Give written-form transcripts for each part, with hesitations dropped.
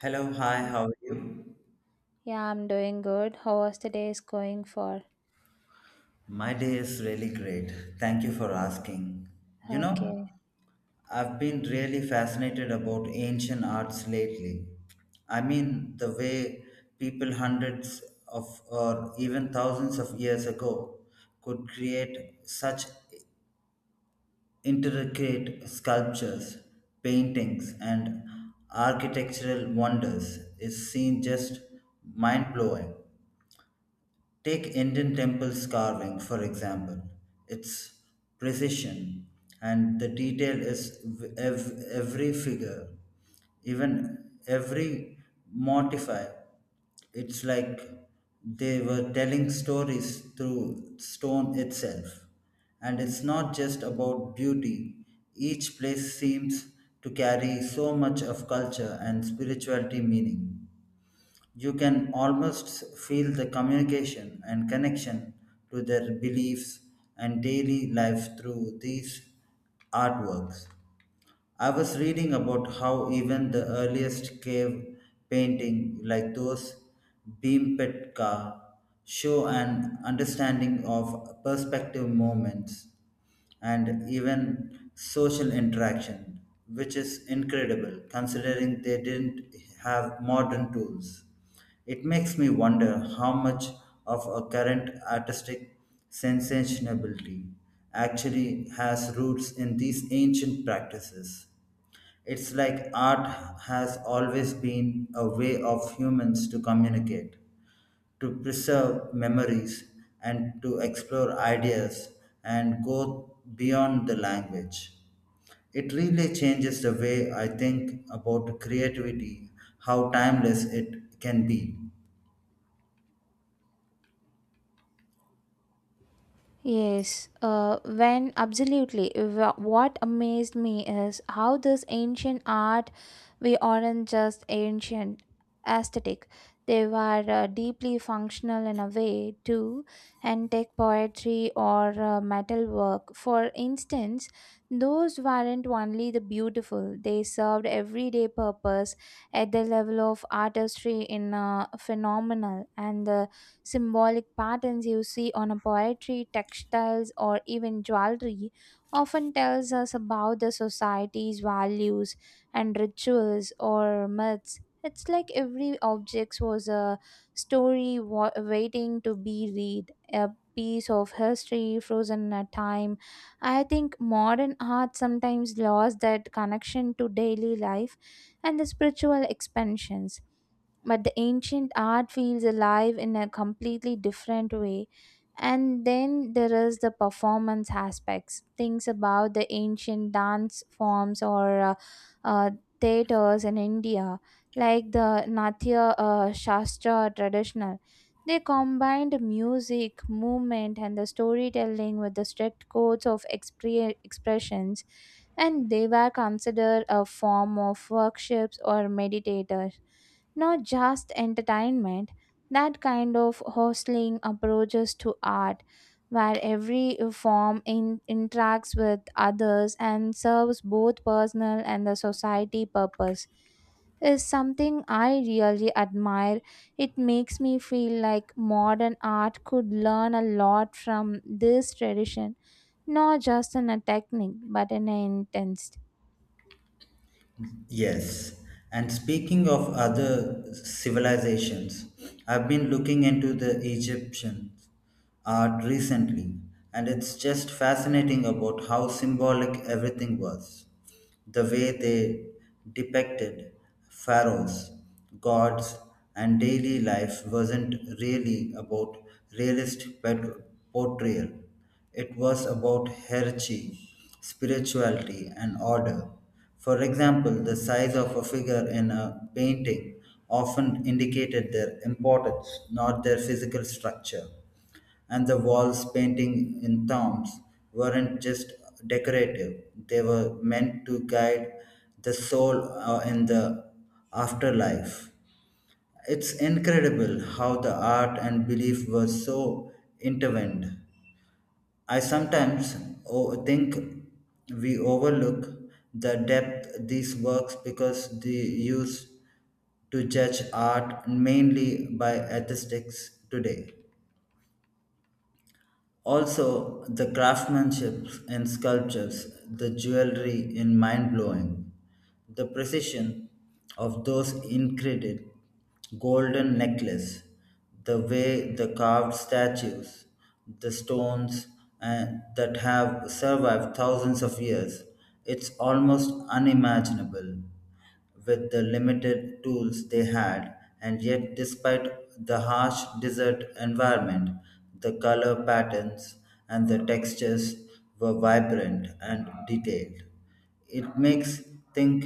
Hello, hi, how are you? Yeah, I'm doing good. How was the day is going for? My day is really great. Thank you for asking. You know, Okay. I've been really fascinated about ancient arts lately. I mean, the way people hundreds of or even thousands of years ago could create such intricate sculptures, paintings, and architectural wonders is seen just mind blowing. Take Indian temples carving, for example. Its precision and the detail is every figure, even every mortify. It's like they were telling stories through stone itself. And it's not just about beauty, each place seems to carry so much of culture and spirituality meaning. You can almost feel the communication and connection to their beliefs and daily life through these artworks. I was reading about how even the earliest cave painting like those Bhimpetka show an understanding of perspective moments and even social interaction, which is incredible considering they didn't have modern tools. It makes me wonder how much of a current artistic sensationality actually has roots in these ancient practices. It's like art has always been a way of humans to communicate, to preserve memories, and to explore ideas and go beyond the language. It really changes the way I think about creativity, how timeless it can be. Yes, when absolutely. What amazed me is how this ancient art, we aren't just ancient aesthetic. They were deeply functional in a way too, and take poetry or metal work. For instance, those weren't only the beautiful; they served everyday purpose at the level of artistry in phenomenal and the symbolic patterns you see on a poetry, textiles, or even jewelry often tells us about the society's values and rituals or myths. It's like every object was a story waiting to be read, a piece of history frozen in time. I think modern art sometimes lost that connection to daily life and the spiritual expansions, but the ancient art feels alive in a completely different way. And then there is the performance aspects things about the ancient dance forms or uh, theaters in India, like the natya shastra traditional. They combined music movement and the storytelling with the strict codes of expressions, and they were considered a form of workshops or meditators, not just entertainment. That kind of hostling approaches to art, where every interacts with others and serves both personal and the society purpose, is something I really admire. It makes me feel like modern art could learn a lot from this tradition, not just in a technique but in an intent. Yes, and speaking of other civilizations, I've been looking into the Egyptian art recently, and it's just fascinating about how symbolic everything was. The way they depicted pharaohs, gods, and daily life wasn't really about realist portrayal. It was about hierarchy, spirituality, and order. For example, the size of a figure in a painting often indicated their importance, not their physical structure. And the walls painting in tombs weren't just decorative, they were meant to guide the soul in the afterlife. It's incredible how the art and belief were so intertwined. I sometimes think we overlook the depth these works because they used to judge art mainly by aesthetics today. Also, the craftsmanship in sculptures, the jewelry in mind blowing, the precision of those incredible golden necklace, the way the carved statues, the stones and that have survived thousands of years, it's almost unimaginable with the limited tools they had, and yet, despite the harsh desert environment, the color patterns and the textures were vibrant and detailed. It makes think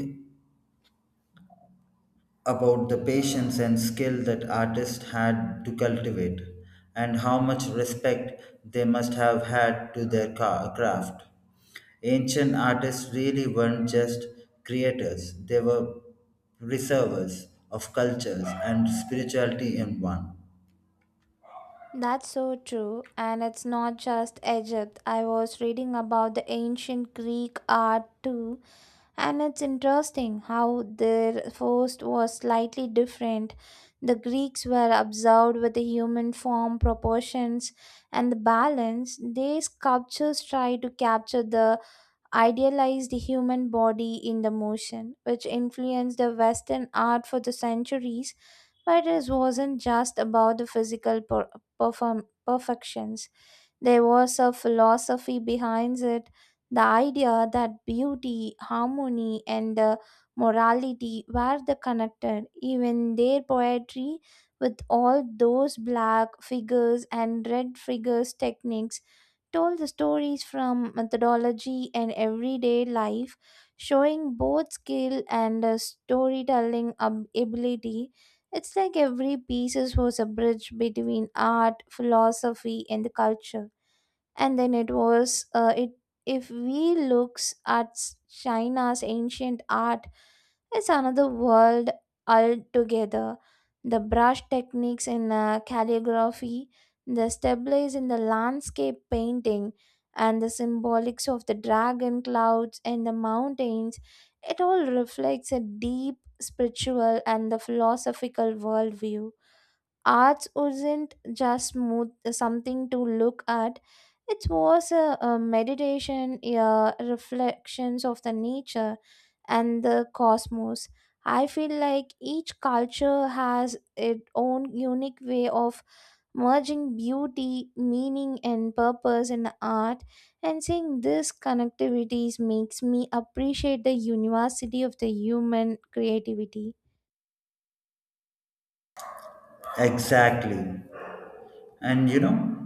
about the patience and skill that artists had to cultivate, and how much respect they must have had to their craft. Ancient artists really weren't just creators, they were preservers of cultures and spirituality in one. That's so true, and it's not just Egypt. I was reading about the ancient Greek art too, and it's interesting how their force was slightly different. The Greeks were observed with the human form proportions and the balance. Their sculptures try to capture the idealized the human body in the motion, which influenced the Western art for the centuries. But it wasn't just about the physical perfections. There was a philosophy behind it, the idea that beauty, harmony, and morality were the connected. Even their poetry, with all those black figures and red figures techniques, told the stories from methodology and everyday life, showing both skill and storytelling ability. It's like every piece was a bridge between art, philosophy, and the culture. And then it was uh, it if we looks at China's ancient art, it's another world altogether. The brush techniques in calligraphy, the stabilize in the landscape painting, and the symbolics of the dragon clouds and the mountains, it all reflects a deep spiritual and the philosophical worldview. Arts wasn't just mood, something to look at. It was a meditation, a reflections of the nature and the cosmos. I feel like each culture has its own unique way of merging beauty meaning and purpose in art, and seeing this connectivities makes me appreciate the university of the human creativity. Exactly. And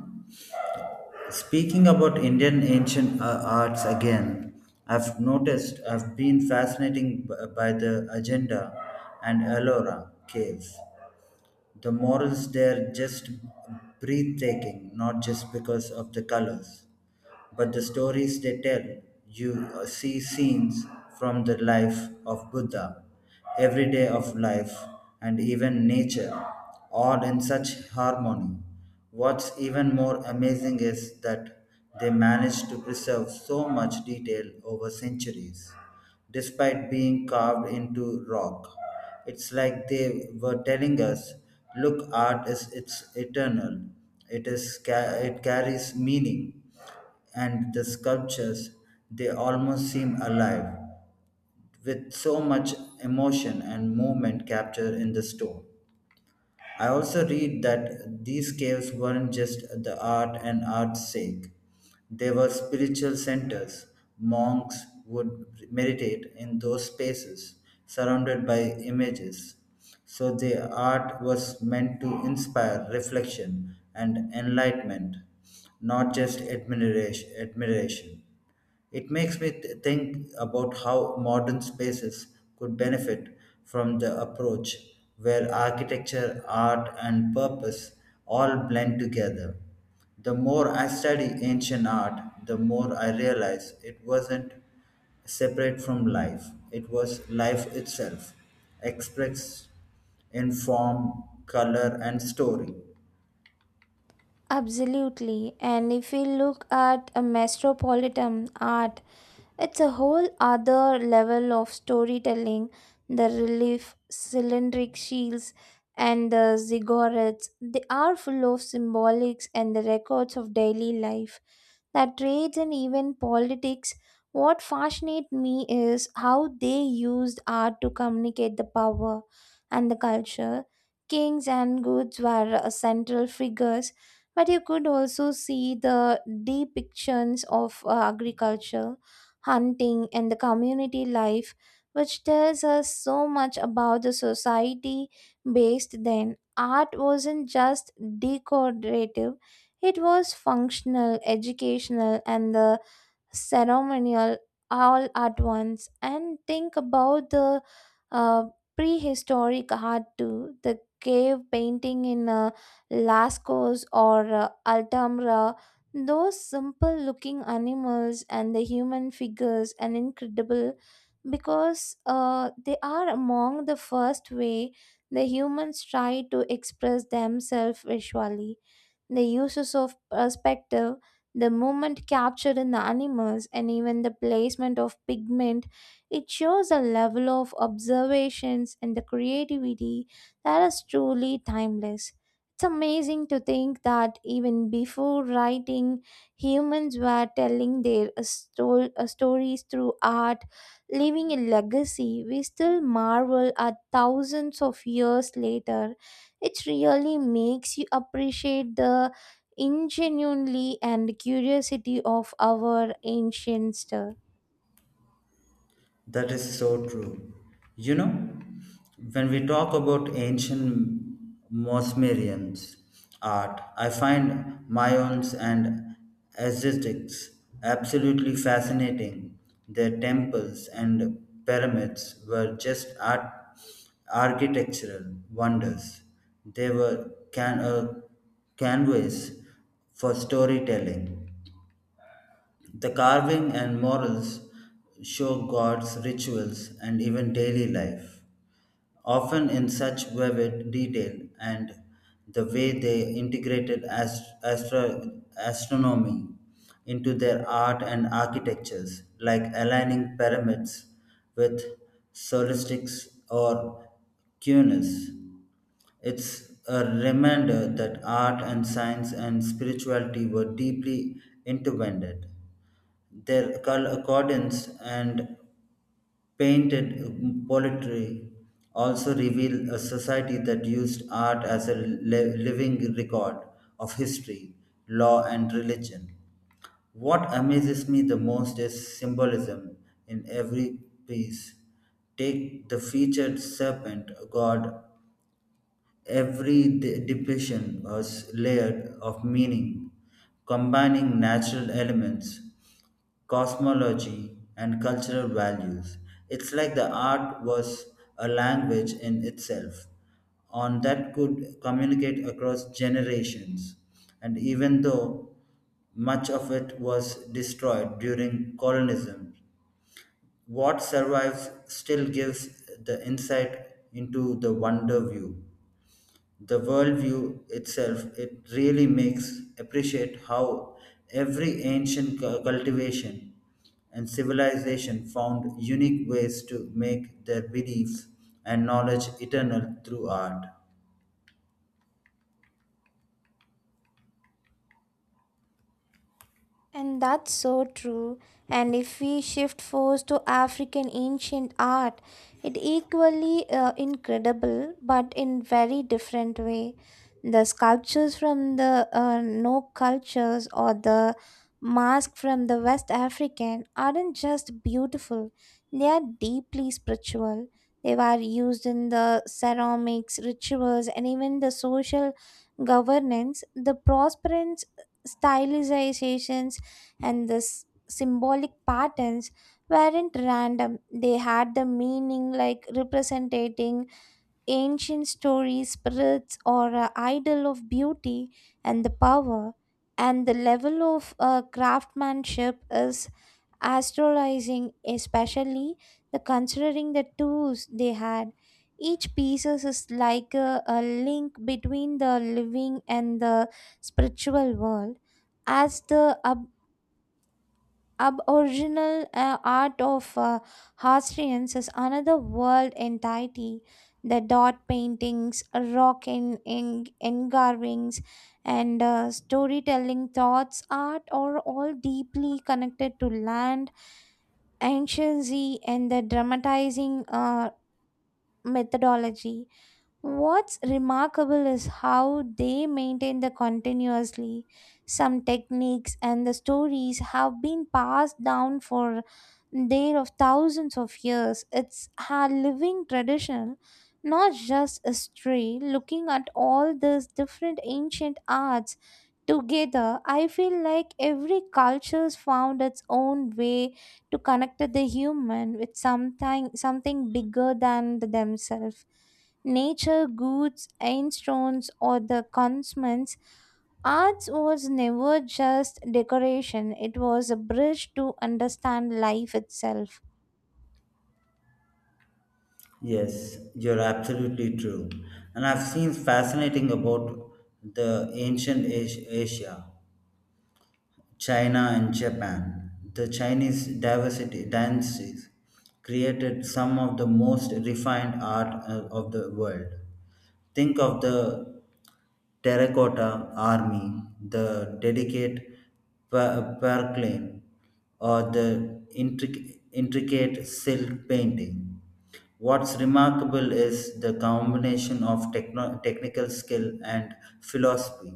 speaking about Indian ancient arts again, I've been fascinated by the agenda and Ellora cave. The morals there just breathtaking, not just because of the colors but the stories they tell, you see scenes from the life of Buddha, everyday of life, and even nature, all in such harmony. What's even more amazing is that they managed to preserve so much detail over centuries despite being carved into rock. It's like they were telling us, look, art is it's eternal. It carries meaning, and the sculptures they almost seem alive, with so much emotion and movement captured in the stone. I also read that these caves weren't just the art and art's sake. They were spiritual centers. Monks would meditate in those spaces, surrounded by images. So the art was meant to inspire reflection and enlightenment, not just admiration. It makes me think about how modern spaces could benefit from the approach where architecture, art, and purpose all blend together. The more I study ancient art, the more I realize it wasn't separate from life, it was life itself, expressed in form, color, and story. Absolutely. And if we look at a metropolitan art, it's a whole other level of storytelling. The relief, cylindric shields, and the ziggurats, they are full of symbolics and the records of daily life, that trades and even politics. What fascinates me is how they used art to communicate the power and the culture. Kings and goods were central figures, but you could also see the depictions of agriculture, hunting, and the community life, which tells us so much about the society based then. Art wasn't just decorative, it was functional, educational, and the ceremonial all at once. And think about the uh, prehistoric art too, the cave painting in Lascaux or Altamira. Those simple looking animals and the human figures and incredible, because they are among the first way the humans try to express themselves visually. The uses of perspective, the movement captured in the animals, and even the placement of pigment. It shows a level of observations and the creativity that is truly timeless. It's amazing to think that even before writing, humans were telling their stories through art, leaving a legacy. We still marvel at thousands of years later. It really makes you appreciate the ingenuity and curiosity of our ancient. That is so true. You know, when we talk about ancient Mosmerians art, I find Mayans and Aztecs absolutely fascinating. Their temples and pyramids were just art, architectural wonders. They were a canvas for storytelling. The carving and murals show gods' rituals and even daily life, often in such vivid detail, and the way they integrated astronomy into their art and architectures, like aligning pyramids with solstices or cunes. It's a reminder that art and science and spirituality were deeply intertwined. Their accordance and painted poetry also reveal a society that used art as a living record of history, law, and religion. What amazes me the most is symbolism in every piece. Take the featured serpent god. Every depiction was layered of meaning, combining natural elements, cosmology, and cultural values. It's like the art was a language in itself, on that could communicate across generations. And even though much of it was destroyed during colonism, what survives still gives the insight into the wonder view the worldview itself. It really makes appreciate how every ancient cultivation and civilization found unique ways to make their beliefs and knowledge eternal through art. And that's so true. And if we shift focus to African ancient art, it equally incredible, but in very different way. The sculptures from the no cultures or the mask from the West African aren't just beautiful; they are deeply spiritual. They were used in the ceramics, rituals, and even the social governance. The prosperance stylizations and this symbolic patterns weren't random. They had the meaning like representing ancient stories spirits or idol of beauty and the power, and the level of craftsmanship is astrolizing, especially the considering the tools they had. Each piece is like a link between the living and the spiritual world. As the up aboriginal art of Australians is another world entirety. The dot paintings, rock engravings, and storytelling thoughts art are all deeply connected to land, anciency, and the dramatizing methodology. What's remarkable is how they maintain the continuously. Some techniques and the stories have been passed down for there of thousands of years. It's a living tradition, not just history. Looking at all these different ancient arts together, I feel like every culture's found its own way to connect the human with something bigger than the themselves. Nature, goods, stones, or the consumers, arts was never just decoration. It was a bridge to understand life itself. Yes, you're absolutely true. And I've seen fascinating about the ancient Asia, China, and Japan. The Chinese diversity dances created some of the most refined art of the world. Think of the terracotta army, the delicate perclane, or the intricate silk painting. What's remarkable is the combination of technical skill and philosophy.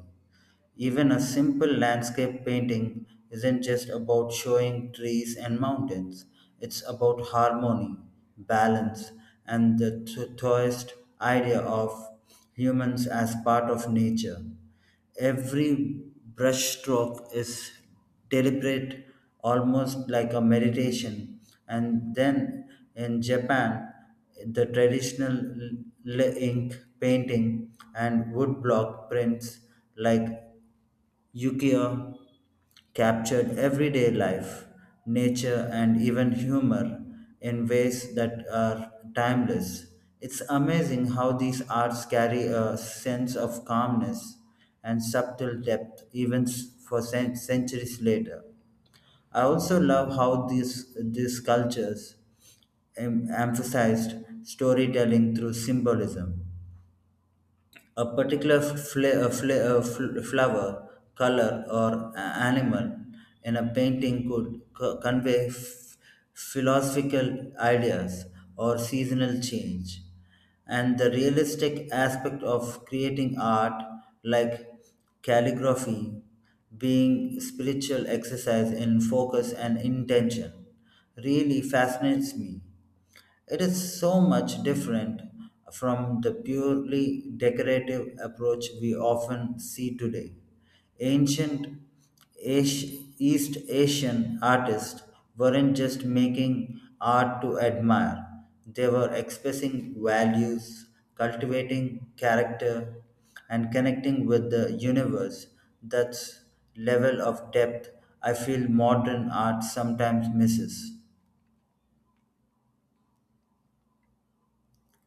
Even a simple landscape painting isn't just about showing trees and mountains, it's about harmony, balance, and the Taoist idea of humans as part of nature. Every brushstroke is deliberate, almost like a meditation. And then in Japan, the traditional ink painting and woodblock prints like Yukio captured everyday life, nature, and even humor in ways that are timeless. It's amazing how these arts carry a sense of calmness and subtle depth even for centuries later. I also love how these cultures emphasized storytelling through symbolism. A particular flower, color, or animal in a painting could convey philosophical ideas or seasonal change. And the realistic aspect of creating art, like calligraphy, being spiritual exercise in focus and intention, really fascinates me. It is so much different from the purely decorative approach we often see today. Ancient East Asian artists weren't just making art to admire, they were expressing values, cultivating character, and connecting with the universe. That's level of depth I feel modern art sometimes misses.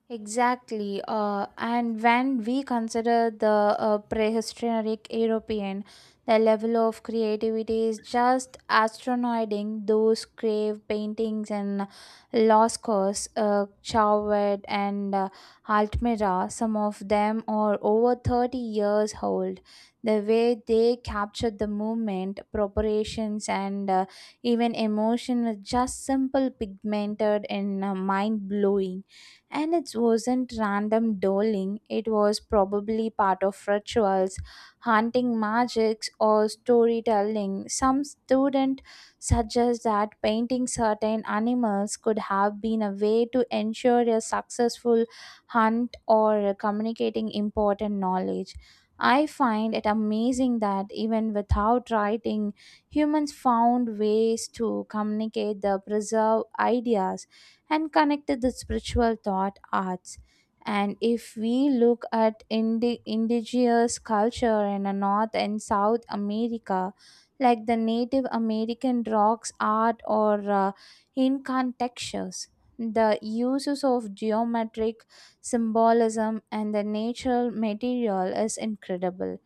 Exactly. And when we consider the prehistoric European, the level of creativity is just astronoiding. Those cave paintings and Lascaux, Chauvet, and Altmira, some of them are over 30 years old. The way they captured the movement, proportions, and even emotion with just simple pigmented and mind blowing. And it wasn't random doling, it was probably part of rituals, hunting magics, or storytelling. Some student suggest that painting certain animals could have been a way to ensure a successful hunt or communicating important knowledge. I find it amazing that even without writing, humans found ways to communicate the preserved ideas and connected the spiritual thought arts. And if we look at indigenous culture in a North and South America, like the Native American rocks art or Incan textures, the uses of geometric symbolism and the natural material is incredible.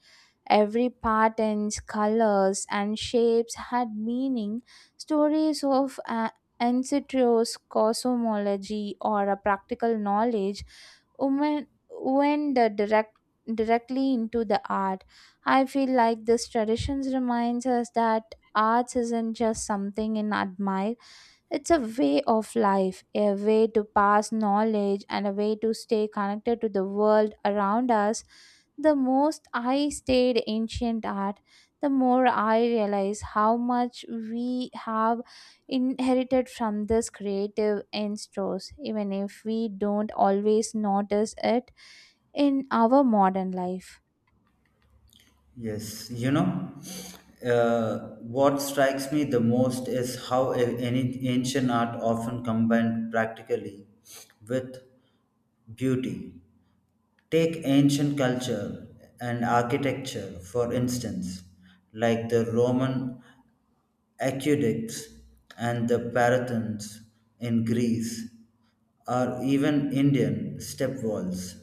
Every patterns, colors, and shapes had meaning. Stories of ancestors, cosmology, or a practical knowledge women went the direct directly into the art. I feel like this traditions reminds us that arts isn't just something in admired. It's a way of life, a way to pass knowledge, and a way to stay connected to the world around us. The most I studied ancient art, the more I realize how much we have inherited from this creative instincts, even if we don't always notice it in our modern life. Yes, what strikes me the most is how any ancient art often combined practically with beauty. Take ancient culture and architecture, for instance, like the Roman aqueducts and the Parathons in Greece, or even Indian step walls.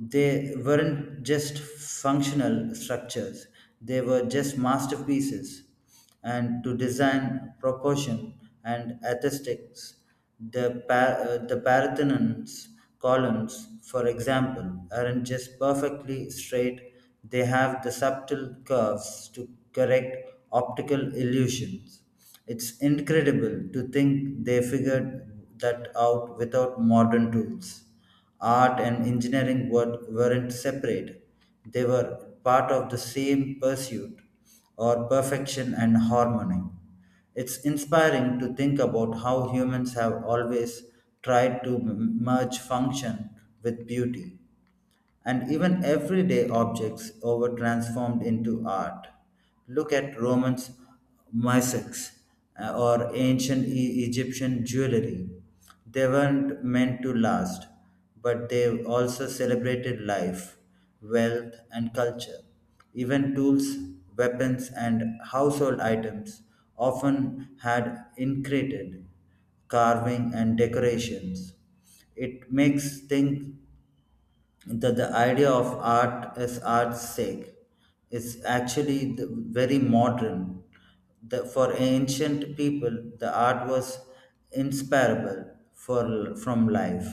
They weren't just functional structures, they were just masterpieces. And to design, proportion, and aesthetics, the Parthenon's columns, for example, aren't just perfectly straight, they have the subtle curves to correct optical illusions. It's incredible to think they figured that out without modern tools. Art and engineering weren't separate, they were part of the same pursuit or perfection and harmony. It's inspiring to think about how humans have always tried to merge function with beauty and even everyday objects over transformed into art. Look at Roman mosaics or ancient Egyptian jewelry. They weren't meant to last, but they also celebrated life, wealth, and culture. Even tools, weapons, and household items often had intricate carving and decorations. It makes think that the idea of art as art's sake is actually the very modern. For ancient people, the art was inseparable from life,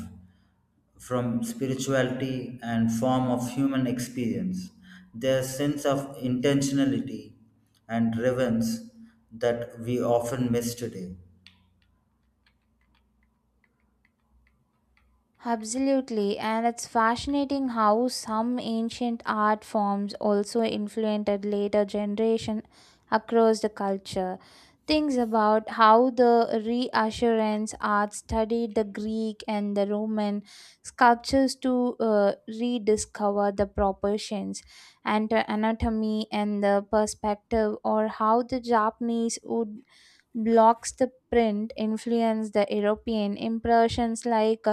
from spirituality and form of human experience. Their sense of intentionality and relevance that we often miss today. Absolutely, and it's fascinating how some ancient art forms also influenced later generation across the culture. Things about how the reassurance art studied the Greek and the Roman sculptures to rediscover the proportions and the anatomy and the perspective, or how the Japanese wood blocks the print influenced the European impressions like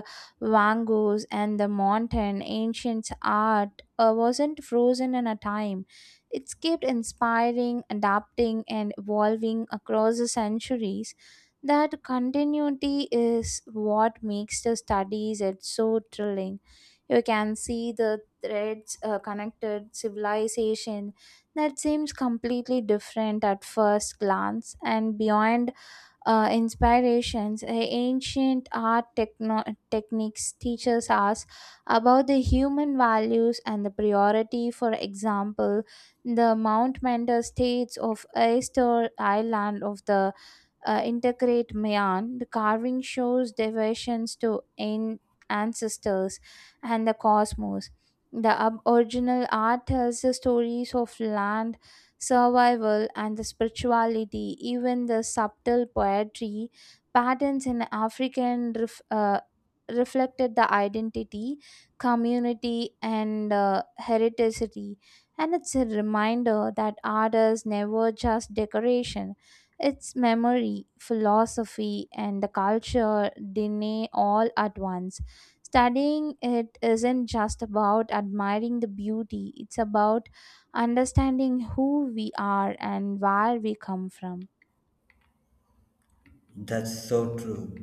Wangus and the mountain ancient art wasn't frozen in a time. It's kept inspiring, adapting, and evolving across the centuries. That continuity is what makes the studies it so thrilling. You can see the threads connected civilization that seems completely different at first glance. And beyond inspirations, ancient art techniques teaches us about the human values and the priority. For example, the Mount Mentor states of Easter Island of the integrate Mayan, the carving shows devotions to ancestors and the cosmos. The original art tells the stories of land, survival, and the spirituality. Even the subtle poetry patterns in African reflected the identity, community, and heredity. And it's a reminder that art is never just decoration. It's memory, philosophy, and the culture DNA all at once. Studying it isn't just about admiring the beauty, it's about understanding who we are and where we come from. That's so true.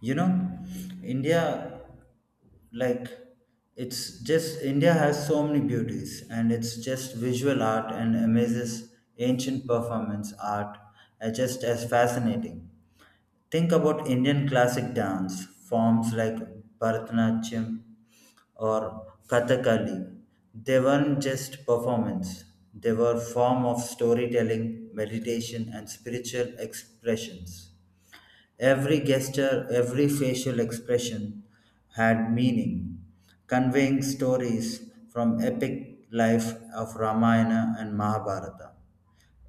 You know, India, like, it's just India has so many beauties, and it's just visual art and amazes ancient performance art are just as fascinating. Think about Indian classic dance forms like Bharatanatyam or Kathakali. They weren't just performance; they were form of storytelling, meditation, and spiritual expressions. Every gesture, every facial expression had meaning, conveying stories from epic life of Ramayana and Mahabharata.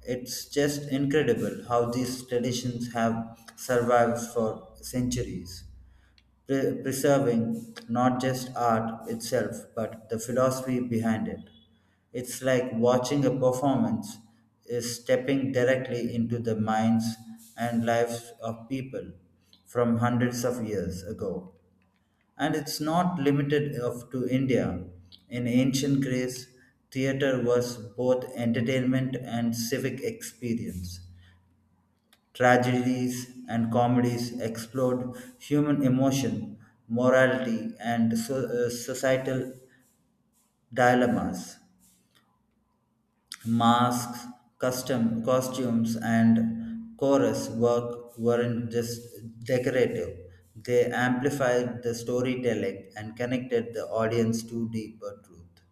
It's just incredible how these traditions have survived for centuries, preserving not just art itself, but the philosophy behind it. It's like watching a performance is stepping directly into the minds and lives of people from hundreds of years ago. And it's not limited of to India. In ancient Greece, theater was both entertainment and civic experience. Tragedies and comedies explored human emotion, morality, and so, societal dilemmas. Masks, custom costumes, and chorus work weren't just decorative. They amplified the storytelling and connected the audience to deeper truth.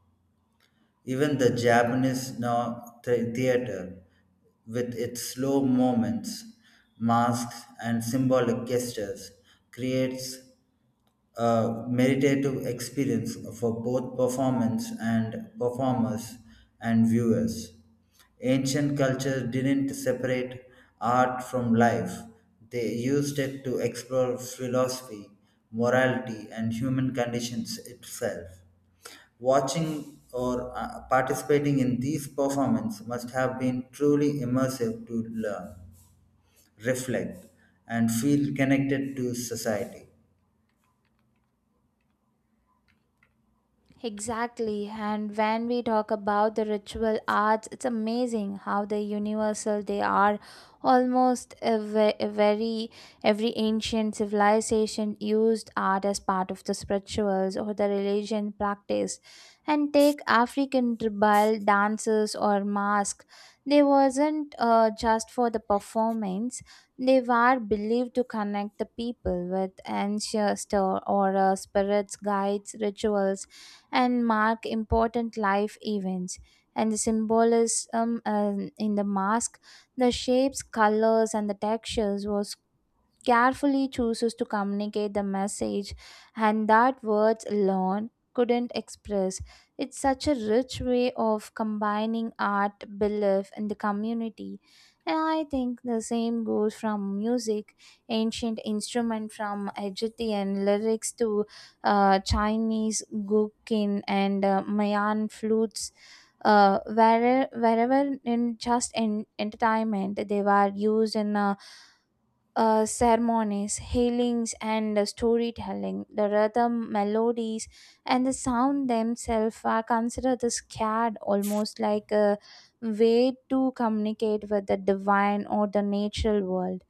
Even the Japanese theater, with its slow moments, masks, and symbolic gestures, creates a meditative experience for both performance and performers and viewers. Ancient culture didn't separate art from life; they used it to explore philosophy, morality, and human conditions itself. Watching or participating in these performances must have been truly immersive to learn, reflect, and feel connected to society. Exactly. And when we talk about the ritual arts, it's amazing how the universal they are. Almost every ancient civilization used art as part of the spirituals or the religion practice. And take African tribal dances or mask. They wasn't just for the performance. They were believed to connect the people with ancestor or spirits, guides, rituals, and mark important life events. And the symbolism in the mask, the shapes, colors, and the textures was carefully chooses to communicate the message and that words alone couldn't express. It's such a rich way of combining art, belief, and the community. And I think the same goes from music, ancient instrument from Egyptian lyrics to Chinese guqin and Mayan flutes. Wherever in just in entertainment they were used in a ceremonies, healings, and storytelling. The rhythm, melodies, and the sound themselves are considered the scared, almost like a way to communicate with the divine or the natural world.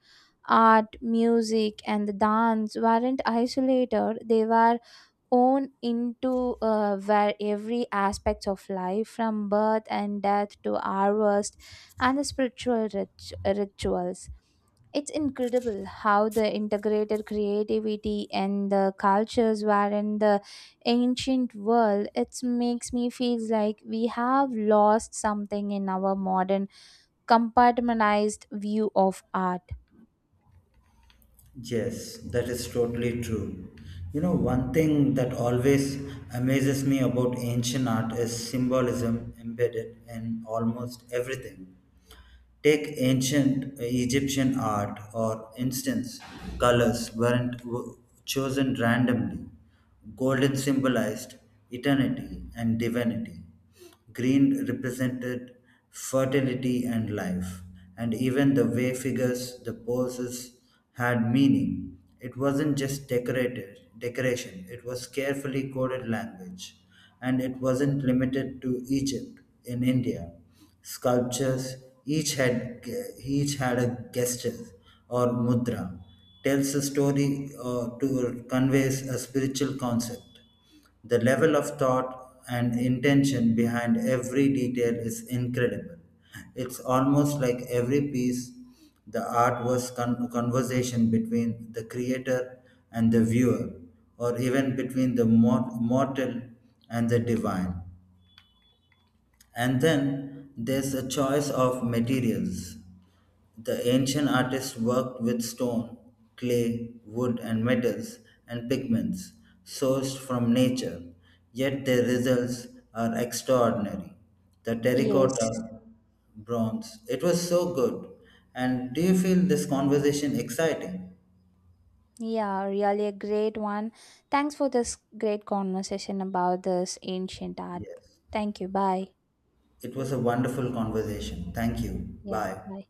Art, music, and the dance weren't isolated, they were own into where every aspect of life from birth and death to harvest and the spiritual rituals. It's incredible how the integrated creativity and the cultures were in the ancient world. It makes me feel like we have lost something in our modern compartmentalized view of art. Yes, that is totally true. One thing that always amazes me about ancient art is symbolism embedded in almost everything. Take ancient Egyptian art, or instance, colors weren't chosen randomly. Golden symbolized eternity and divinity. Green represented fertility and life, and even the way figures, the poses had meaning. It wasn't just decorated decoration, it was carefully coded language, and it wasn't limited to Egypt in India. Sculptures each had each had a gesture or mudra tells a story or to conveys a spiritual concept. The level of thought and intention behind every detail is incredible. It's almost like every piece, the art was conversation between the creator and the viewer, or even between the mortal and the divine. And then there's a choice of materials. The ancient artists worked with stone, clay, wood, and metals and pigments sourced from nature, yet their results are extraordinary. The Yes. terracotta, bronze, it was so good. And do you feel this conversation exciting? Yeah, really a great one. Thanks for this great conversation about this ancient art. Yes. Thank you. Bye. It was a wonderful conversation. Thank you. Yeah, Bye. bye.